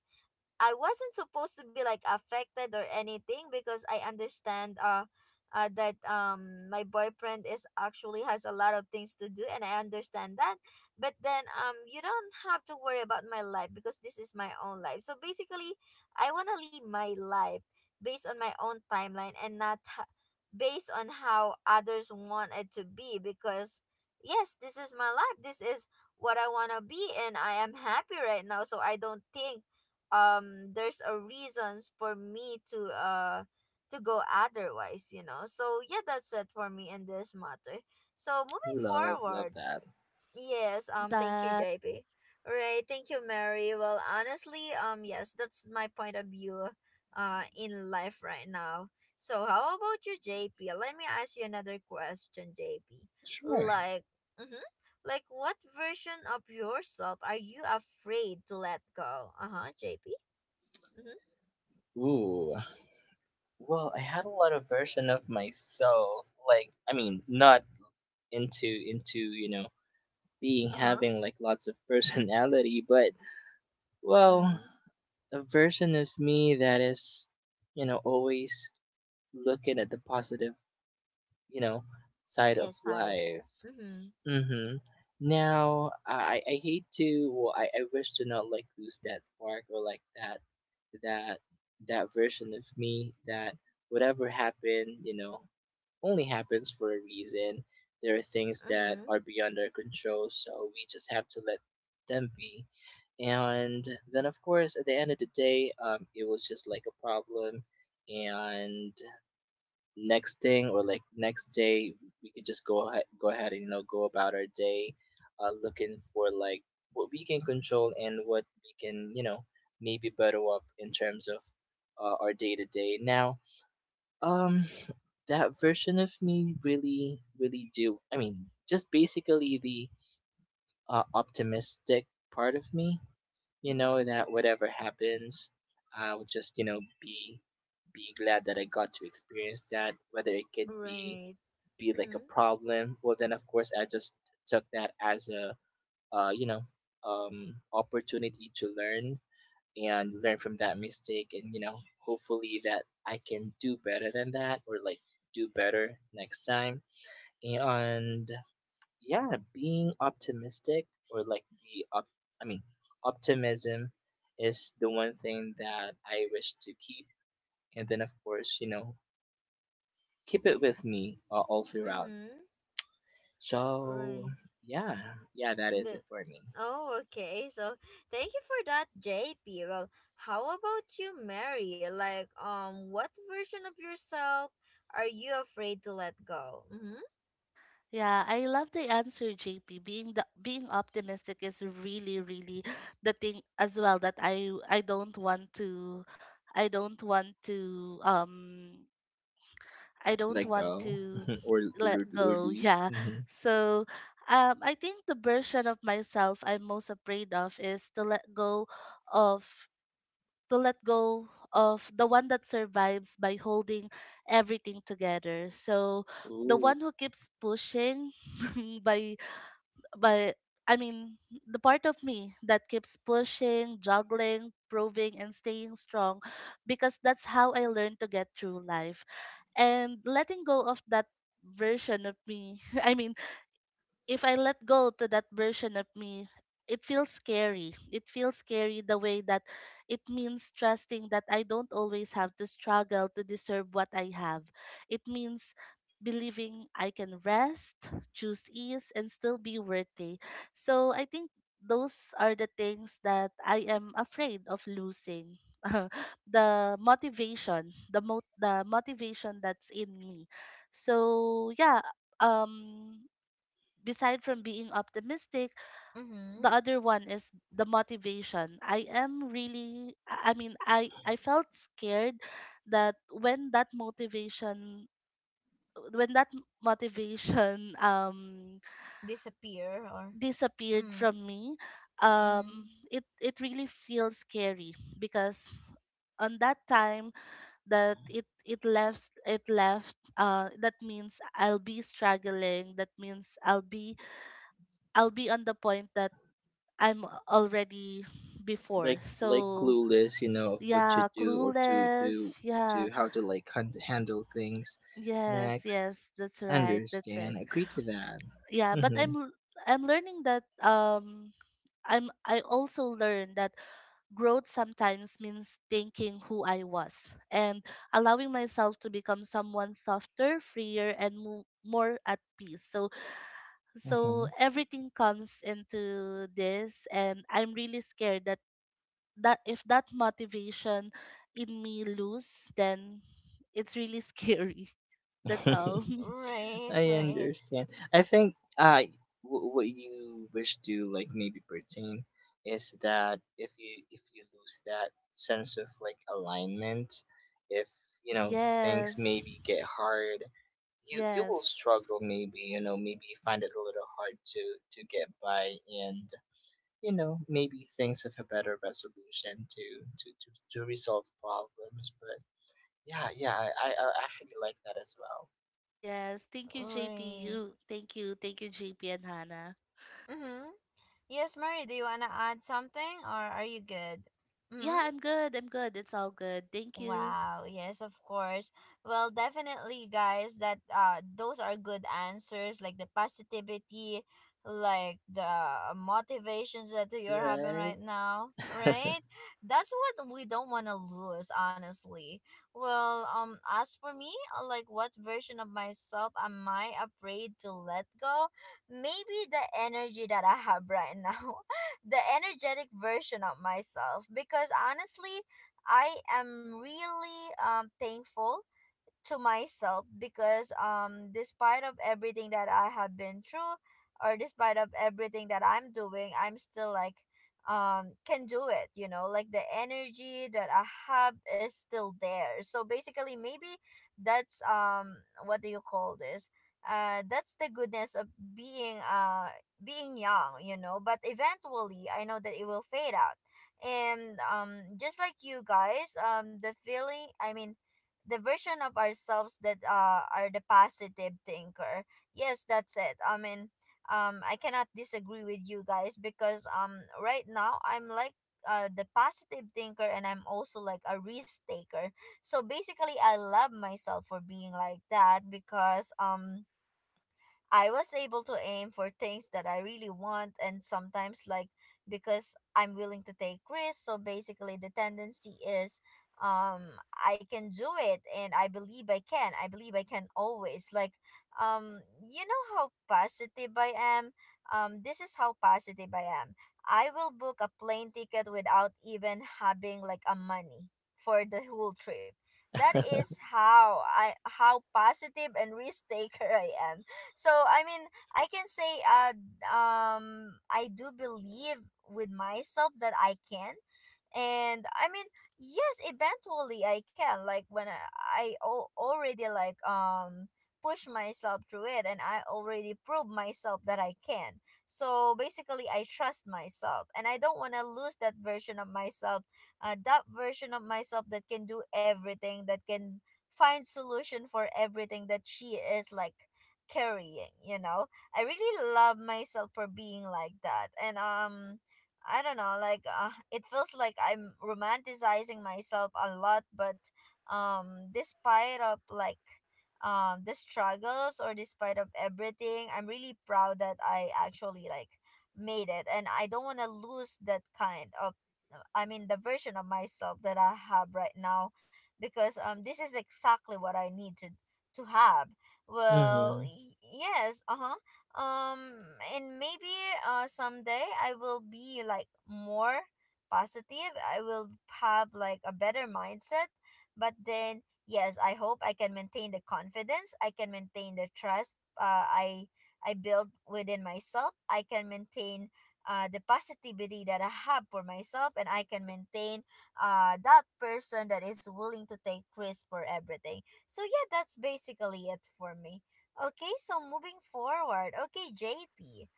Speaker 1: I wasn't supposed to be like affected or anything because I understand that my boyfriend is actually has a lot of things to do, and I understand that. But then you don't have to worry about my life because this is my own life. So basically, I want to live my life based on my own timeline and not based on how others want it to be because yes, this is my life. This is what I want to be, and I am happy right now, so I don't think there's a reasons for me to go otherwise, you know. So yeah, that's it for me in this matter, so moving
Speaker 2: Love, love
Speaker 1: forward.
Speaker 2: that.
Speaker 1: Yes,
Speaker 3: Love
Speaker 1: thank you,
Speaker 3: that.
Speaker 1: JP. All right, thank you, Mary. Well, honestly, yes, that's my point of view in life right now. So how about you, JP? Let me ask you another question, JP.
Speaker 2: Sure.
Speaker 1: Like, mm-hmm, like what version of yourself are you afraid to let go? Uh-huh, JP. Mm-hmm.
Speaker 2: Ooh, well, I had a lot of version of myself, like I mean, not into, you know, being
Speaker 1: Uh-huh.
Speaker 2: having like lots of personality. But well,
Speaker 1: Mm.
Speaker 2: a version of me that is, you know, always looking at the positive, you know, side of
Speaker 1: Yes, side.
Speaker 2: life.
Speaker 1: Mm-hmm.
Speaker 2: Mm-hmm. Now, I hate to. Well, I wish to not like lose that spark, or like that that version of me, that whatever happened, you know, only happens for a reason. There are things that
Speaker 1: Mm-hmm.
Speaker 2: are beyond our control, so we just have to let them be. And then, of course, at the end of the day, it was just like a problem. And next thing, or like next day, we could just go ahead and, you know, go about our day, looking for like what we can control and what we can, you know, maybe better up in terms of, our day to day. Now, um, that version of me really, really do. I mean, just basically the, optimistic part of me. You know that whatever happens, I'll just, you know, be glad that I got to experience that. Whether it could
Speaker 1: Right.
Speaker 2: be like a
Speaker 1: Mm-hmm.
Speaker 2: problem, well then of course I just took that as a, uh, you know, um, opportunity to learn and learn from that mistake, and, you know, hopefully that I can do better than that, or like do better next time. And yeah, being optimistic, or like the op- I mean, optimism is the one thing that I wish to keep, and then of course, you know, keep it with me, all throughout.
Speaker 1: Mm-hmm.
Speaker 2: So
Speaker 1: Right.
Speaker 2: yeah, yeah, that is it
Speaker 1: The
Speaker 2: for me.
Speaker 1: Oh, okay. So thank you for that, JP. Well, how about you, Mary? Like, what version of yourself are you afraid to let go? Mm-hmm.
Speaker 3: Yeah, I love the answer, JP. Being optimistic is really, really the thing as well that I don't want to I don't want to um I don't
Speaker 2: Let
Speaker 3: want
Speaker 2: go
Speaker 3: to
Speaker 2: or
Speaker 3: let
Speaker 2: or
Speaker 3: go.
Speaker 2: lose,
Speaker 3: Yeah.
Speaker 2: hmm.
Speaker 3: So, I think the version of myself I'm most afraid of is to let go of to let go the one that survives by holding everything together. So the
Speaker 2: Ooh.
Speaker 3: one who keeps pushing by but I mean, the part of me that keeps pushing, juggling, proving, and staying strong because that's how I learned to get through life. And letting go of that version of me, I mean, if I let go to that version of me, it feels scary. It feels scary the way that it means trusting that I don't always have to struggle to deserve what I have. It means believing I can rest, choose ease, and still be worthy. So I think those are the things that I am afraid of losing. The motivation, the motivation that's in me. So yeah, um beside from being optimistic, the
Speaker 1: Mm-hmm.
Speaker 3: other one is the motivation. I mean, I felt scared that when that motivation, motivation
Speaker 1: Disappear or
Speaker 3: disappeared
Speaker 1: mm,
Speaker 3: from me, um
Speaker 1: mm-hmm.
Speaker 3: it it really feels scary because on that time that it left, that means I'll be struggling, that means I'll be on the point that I'm already before.
Speaker 2: Like
Speaker 3: So
Speaker 2: clueless, you know, of what to
Speaker 3: yeah,
Speaker 2: do, or to
Speaker 3: clueless. Yeah,
Speaker 2: to how to like handle things
Speaker 3: yes, yes,
Speaker 2: next.
Speaker 3: that's right, that's right.
Speaker 2: Understand, agree to that.
Speaker 3: Yeah, but
Speaker 2: Mm-hmm.
Speaker 3: I'm learning that I also learned that growth sometimes means thinking who I was and allowing myself to become someone softer, freer, and more at peace. So so
Speaker 2: Uh-huh.
Speaker 3: everything comes into this, and I'm really scared that if that motivation in me lose, then it's really scary. That's all.
Speaker 1: Right,
Speaker 2: I
Speaker 1: right,
Speaker 2: understand. I think, uh, what you wish to like maybe pertain is that if you lose that sense of like alignment, if, you know,
Speaker 3: Yes.
Speaker 2: things maybe get hard, you
Speaker 3: Yes.
Speaker 2: will struggle, maybe, you know, maybe you find it a little hard to get by, and, you know, maybe things of a better resolution to to to, to resolve problems. But yeah, yeah, I, I actually like that as
Speaker 3: Yes. Thank you, JP.
Speaker 1: right.
Speaker 3: You thank you. Thank you, JP and Hannah.
Speaker 1: Mm-hmm. Yes, Mary, do you want to add something or are you good?
Speaker 3: Yeah,
Speaker 1: Hmm.
Speaker 3: I'm good. I'm good. It's all good. Thank you.
Speaker 1: Wow, yes, of course. Well, definitely guys that those are good answers, like the positivity, like the motivations that you're having right now,
Speaker 2: well.
Speaker 1: right? That's what we don't want to lose, honestly. Well, as for me, like what version of myself am I afraid to let go? Maybe the energy that I have right now. The energetic version of myself because honestly, I am really thankful to myself because despite of everything that I have been through or despite of everything that I'm doing, I'm still like can do it, you know, like the energy that I have is still there. So basically maybe that's what do you call this? That's the goodness of being being young, you know, but eventually I know that it will fade out. And just like you guys, the feeling, I mean the version of ourselves that are the positive thinker. Yes, that's it. I mean, I cannot disagree with you guys because right now I'm like the positive thinker, and I'm also like a risk taker. So basically, I love myself for being like that because I was able to aim for things that I really want, and sometimes like because I'm willing to take risks. So basically the tendency is I can do it and I believe I can. I believe I can always like you know how positive I am? This is how positive I am. I will book a plane ticket without even having like a money for the whole trip. That
Speaker 2: Right.
Speaker 1: is how I how positive and risk taker I am. So I mean, I can say I do believe with myself that I can. And I mean, yes, eventually I can. Like when I already like push myself through it, and I already prove myself that I can. So basically, I trust myself, and I don't want to lose that version of myself. That version of myself that can do everything, that can find solution for everything that she is like carrying, you know. I really love myself for being like that, and I don't know, like it feels like I'm romanticizing myself a lot, but despite of like the struggles or despite of everything, I'm really proud that I actually like made it, and I don't want to lose that kind of, I mean, the version of myself that I have right now because this is exactly what I need to have. Well,
Speaker 2: Mm-hmm.
Speaker 1: yes, uh-huh. Um and maybe someday I will be like more positive. I will have like a better mindset, but then yes, I hope I can maintain the confidence, I can maintain the trust, I build within myself. I can maintain the positivity that I have for myself, and I can maintain that person that is willing to take risk for everything. So yeah, that's basically it for me. Okay, so moving forward. Okay, JP.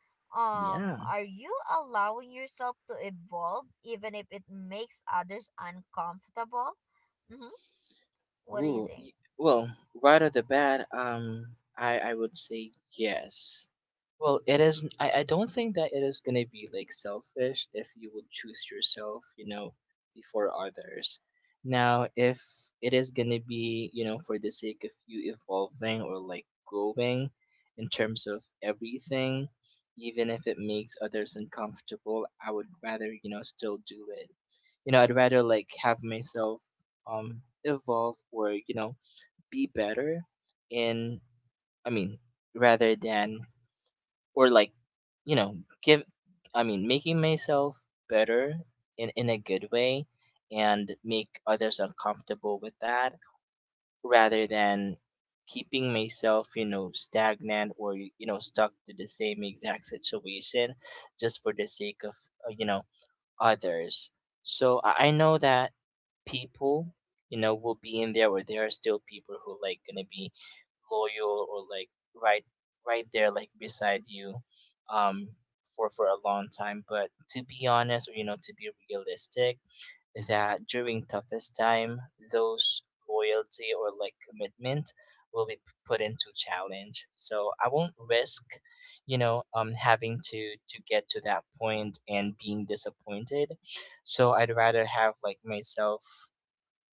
Speaker 2: Yeah.
Speaker 1: Are you allowing yourself to evolve even if it makes others uncomfortable? Mm-hmm. What do you
Speaker 2: Ooh,
Speaker 1: think?
Speaker 2: well, right off the bat, I would say yes. Well, it is. I don't think that it is gonna be like selfish if you would choose yourself, you know, before others. Now, if it is gonna be, you know, for the sake of you evolving or like growing in terms of everything, even if it makes others uncomfortable, I would rather, you know, still do it. You know, I'd rather like have myself, um, evolve, or you know, be better in, I mean, rather than, or like, you know, give, I mean, making myself better in a good way, and make others uncomfortable with that, rather than keeping myself, you know, stagnant, or you know, stuck to the same exact situation just for the sake of, you know, others. So I know that people, you know, will be in there, where there are still people who like gonna be loyal or like right right there, like beside you, um, for a long time. But to be honest, or you know, to be realistic, that during toughest time, those loyalty or like commitment will be put into challenge. So I won't risk, you know, um, having to get to that point and being disappointed. So I'd rather have like myself,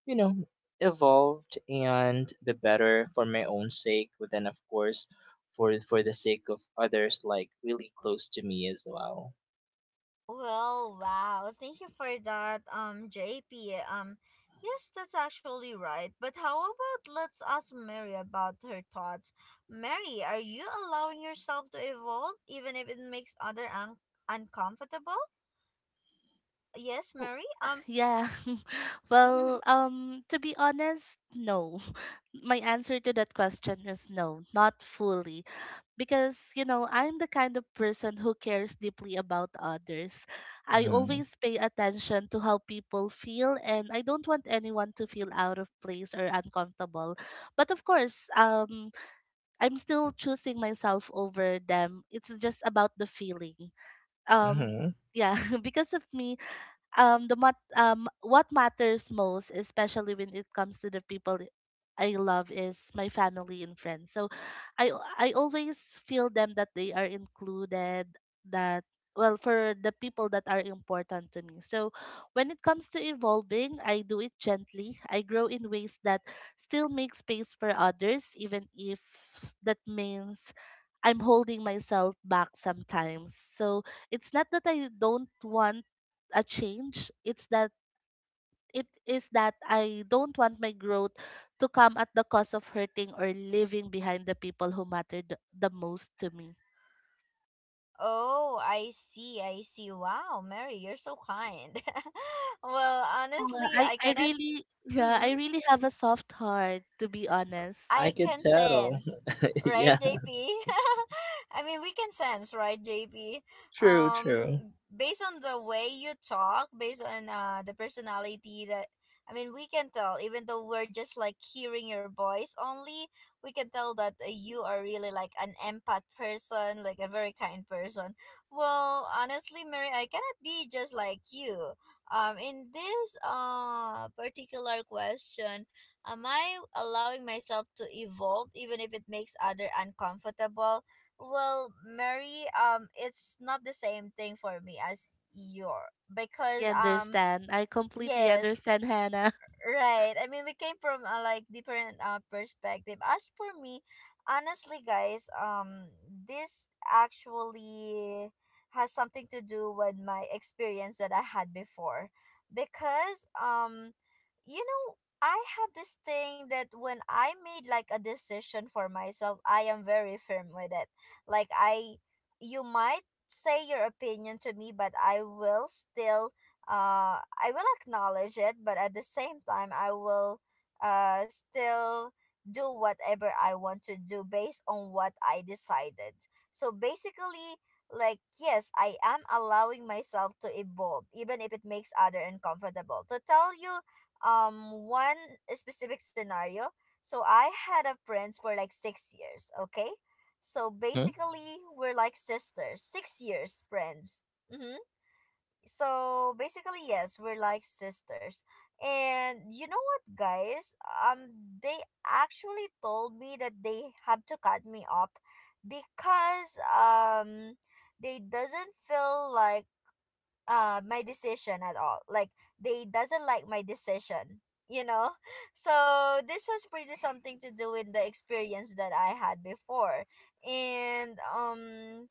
Speaker 2: you know, evolved and be better for my own sake, but then of course for the sake of others like really close to me as well.
Speaker 1: Well, wow. Thank you for that, JP. Yes, that's actually right. But how about let's ask Mary about her thoughts. Mary, are you allowing yourself to evolve even if it makes other uncomfortable? Yes,
Speaker 3: Oh,
Speaker 1: Mary.
Speaker 3: yeah. Well,
Speaker 1: Mhm.
Speaker 3: to be honest, no. My answer to that question is no, not fully. Because you know, I'm the kind of person who cares deeply about others. I
Speaker 2: Mm-hmm.
Speaker 3: always pay attention to how people feel and I don't want anyone to feel out of place or uncomfortable. But of course, I'm still choosing myself over them. It's just about the feeling, um
Speaker 2: Mm-hmm.
Speaker 3: yeah. Because of me, the mat what matters most, especially when it comes to the people I love, is my family and friends. So i I always feel them that they are included, that well, for the people that are important to me. So when it comes to evolving, I do it gently. I grow in ways that still make space for others even if that means I'm holding myself back sometimes. So it's not that I don't want a change. It is that I don't want my growth to come at the cost of hurting or leaving behind the people who mattered the most to me.
Speaker 1: Oh, I see. I see. Wow, Mary, you're so kind. Well,
Speaker 3: Yeah,
Speaker 1: honestly, I
Speaker 3: I
Speaker 1: cannot.
Speaker 3: really, yeah,
Speaker 1: Mhm.
Speaker 3: I really have a soft heart to be honest.
Speaker 1: I
Speaker 2: I could
Speaker 1: can
Speaker 2: tell.
Speaker 1: sense, right,
Speaker 2: Yeah,
Speaker 1: J P? I mean, we can sense, right, JP?
Speaker 2: true, true.
Speaker 1: Based on the way you talk, based on the personality that I mean, we can tell. Even though we're just like hearing your voice only, we can tell that you are really like an empath person, like a very kind person. Well, honestly, Mary, I cannot be just like you. In this particular question, am I allowing myself to evolve even if it makes other uncomfortable? Well, Mary, it's not the same thing for me as your
Speaker 3: I
Speaker 1: because
Speaker 3: understand. I completely
Speaker 1: yes,
Speaker 3: understand, Hannah.
Speaker 1: right. I mean, we came from a like different perspective. As for me, honestly, guys, this actually has something to do with my experience that I had before, because you know, I have this thing that when I made like a decision for myself, I am very firm with it. Like I, you might say your opinion to me, but I will still I will acknowledge it, but at the same time I will still do whatever I want to do based on what I decided. So basically, like, yes, I am allowing myself to evolve even if it makes other uncomfortable. To tell you, one specific scenario, so I had a friend for like 6 years, okay? So
Speaker 2: Mhm.
Speaker 1: basically, we're like sisters, 6 years friends. Mhm. So basically, yes, we're like sisters. And you know what, guys, um they actually told me that they have to cut me up, because they doesn't feel like my decision at all, like they doesn't like my decision, you know. So this has pretty something to do with the experience that I had before. And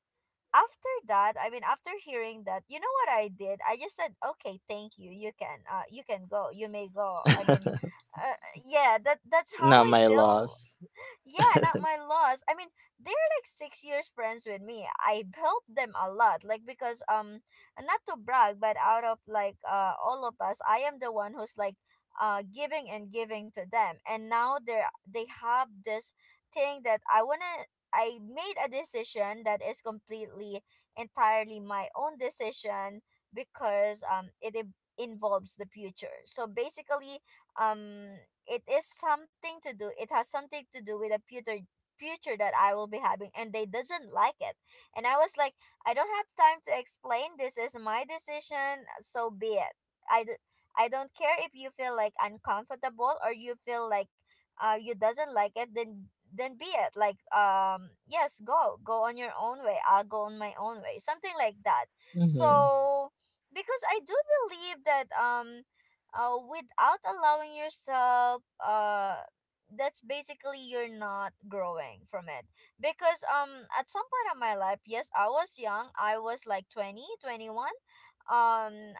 Speaker 1: after that, I mean, after hearing that, you know what I did? I just said, "Okay, thank you. You can go. You may go." I mean, uh, yeah, that's how
Speaker 2: Not
Speaker 1: I
Speaker 2: my
Speaker 1: deal.
Speaker 2: loss.
Speaker 1: Yeah, not my loss. I mean, they're like 6 years friends with me. I helped them a lot, like because not to brag, but out of like all of us, I am the one who's like giving and giving to them, and now they have this thing that I wanna. I made a decision that is completely entirely my own decision, because it involves the future. So basically, um it is something to do, it has something to do with a future that I will be having, and they doesn't like it. And I was like, I don't have time to explain, this is my decision, so be it. i d- I don't care if you feel like uncomfortable or you feel like you doesn't like it, then be it. Like, yes, go, go on your own way, I'll go on my own way, something like that.
Speaker 2: Mm-hmm.
Speaker 1: So because I do believe that without allowing yourself that's basically you're not growing from it. Because at some point of my life, yes, I was young, I was like 20, 21, um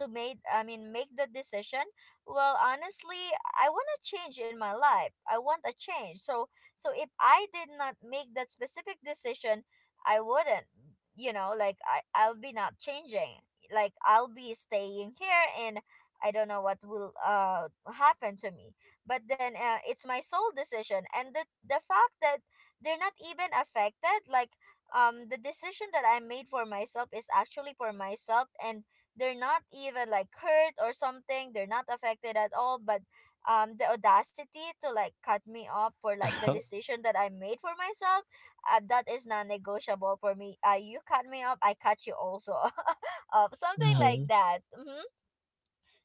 Speaker 1: to make, I mean, make the decision. Well, honestly, I want to change in my life, I want a change. So so if I did not make that specific decision, I wouldn't, you know, like I'll be not changing, like I'll be staying here in, I don't know what will happen to me. But then it's my sole decision, and the fact that they're not even affected, like the decision that I made for myself is actually for myself, and they're not even like hurt or something. They're not affected at all, but the audacity to like cut me off for like the decision that I made for myself, that is non-negotiable for me. You cut me off, I cut you also up. Something like
Speaker 2: Mm-hmm.
Speaker 1: that.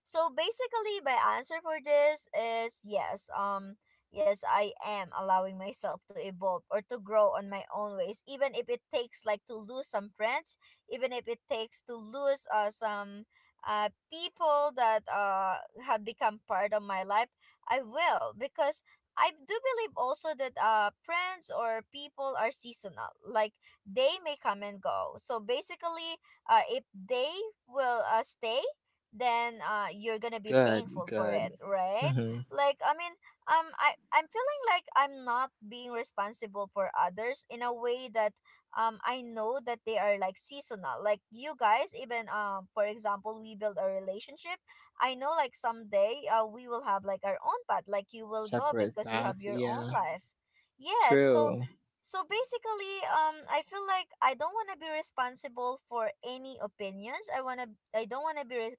Speaker 1: So basically my answer for this is yes. Yes, I am allowing myself to evolve or to grow on my own ways, even if it takes like to lose some friends, even if it takes to lose some people that have become part of my life. I will, because I do believe also that friends or people are seasonal. Like they may come and go. So basically, if they will stay, then you're gonna be
Speaker 2: Good,
Speaker 1: thankful for it,
Speaker 2: good.
Speaker 1: right?
Speaker 2: Mm-hmm.
Speaker 1: Like, I mean, I'm feeling like I'm not being responsible for others in a way that I know that they are like seasonal, like you guys, even for example, we build a relationship, I know like someday we will have like our own path, like you will go
Speaker 2: Separate
Speaker 1: because you have
Speaker 2: path.
Speaker 1: your own
Speaker 2: Yeah,
Speaker 1: life. Yes, so
Speaker 2: true.
Speaker 1: so basically, I feel like I don't want to be responsible for any opinions. I want to, I don't want to be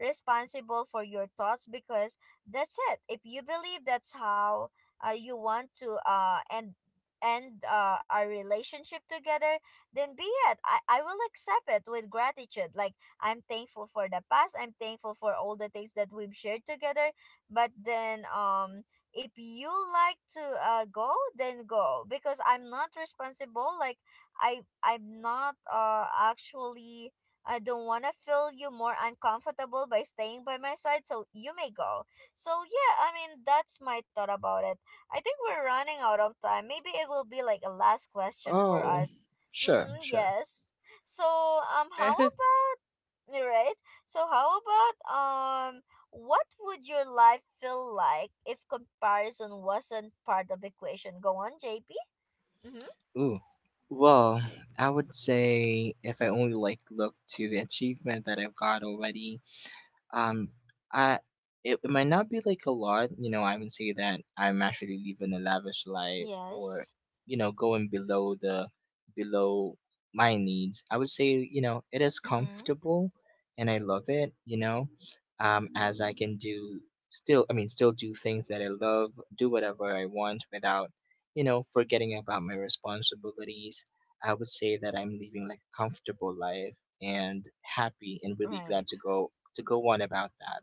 Speaker 1: responsible for your thoughts, because that's it. If you believe that's how you want to end our relationship together, then be it. I will accept it with gratitude. Like, I'm thankful for the past. I'm thankful for all the things that we've shared together. But then if you like to go, then go, because I'm not responsible. Like I'm not actually, I don't want to feel you more uncomfortable by staying by my side, so you may go. So, yeah, I mean, that's my thought about it. I think we're running out of time. Maybe it will be like a last question for
Speaker 2: Oh,
Speaker 1: us.
Speaker 2: sure,
Speaker 1: Mm-hmm,
Speaker 2: sure.
Speaker 1: yes. So, how
Speaker 3: Sure.
Speaker 1: about, right? So, how about, what would your life feel like if comparison wasn't part of equation? Go on, JP. Mm-hmm.
Speaker 2: Ooh. Well, I would say if I only like look to the achievement that I've got already, um, I it it might not be like a lot, you know. I would say that I'm actually living a lavish life, or
Speaker 1: Yes.
Speaker 2: you know, going below the below my needs. I would say, you know, it is
Speaker 1: Mm-hmm.
Speaker 2: comfortable, and I love it. You know, as I can do still, I mean, still do things that I love, do whatever I want without, you know, forgetting about my responsibilities. I would say that I'm living like a comfortable life, and happy and really glad
Speaker 1: Right.
Speaker 2: to go on about that.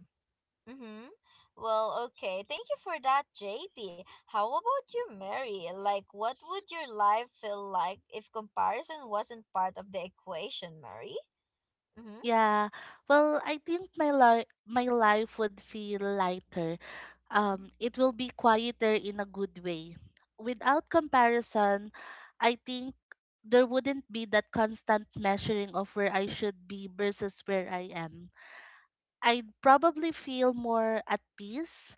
Speaker 1: Mm-hmm. Well, okay. Thank you for that, JP. How about you, Mary? Like, what would your life feel like if comparison wasn't part of the equation, Mary? Mm-hmm.
Speaker 3: Yeah. Well, I think my life would feel lighter. It will be quieter in a good way. Without comparison, I think there wouldn't be that constant measuring of where I should be versus where I am. I'd probably feel more at peace.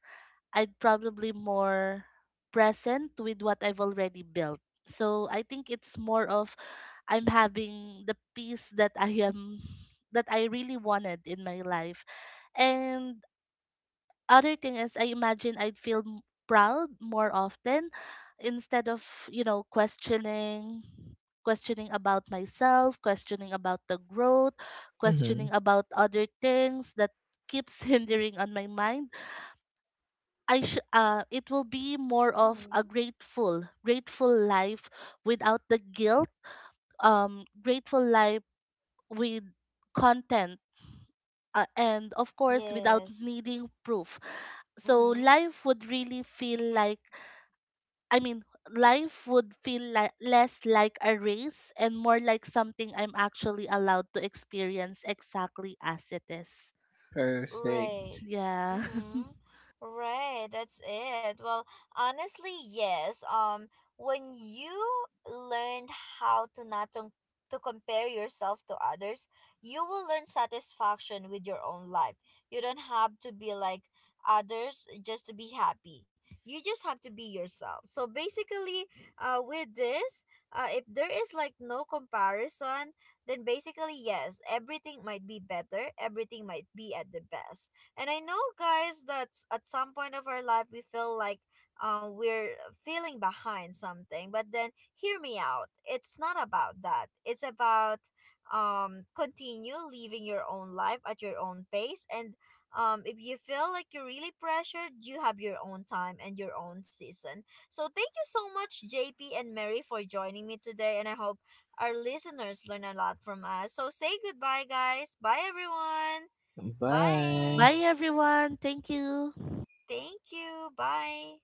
Speaker 3: I'd probably more present with what I've already built. So I think it's more of I'm having the peace that I am that I really wanted in my life. And other thing is I imagine proud more often instead of, you know, questioning about myself, questioning about the growth,
Speaker 2: Mm-hmm.
Speaker 3: questioning about other things that keeps hindering on my mind. It will be more of
Speaker 1: Mm-hmm.
Speaker 3: a grateful, grateful life without the guilt, um grateful life with content, and of course without
Speaker 1: Yes.
Speaker 3: needing proof. So
Speaker 1: Mm-hmm.
Speaker 3: life would really feel like, i mean life would feel like less like a race and more like something I'm actually allowed to experience exactly as it is.
Speaker 1: Right.
Speaker 2: Perfect.
Speaker 3: Yeah.
Speaker 1: Mm-hmm. Right, that's it. Well, honestly, yes. When you learned how to not to, to compare yourself to others, you will learn satisfaction with your own life. You don't have to be like others just to be happy. You just have to be yourself. So basically, with this, if there is like no comparison, then basically, yes, everything might be better, everything might be at the best. And I know, guys, that at some point of our life, we feel like we're feeling behind something, but then hear me out. It's not about that, it's about continue living your own life at your own pace. And if you feel like you're really pressured, you have your own time and your own season. So thank you so much, JP and Mary, for joining me today, and I hope our listeners learn a lot from us. So say goodbye, guys. Bye, everyone.
Speaker 2: Bye.
Speaker 3: Bye,
Speaker 1: Bye.
Speaker 3: everyone, thank you.
Speaker 1: Thank you. Bye.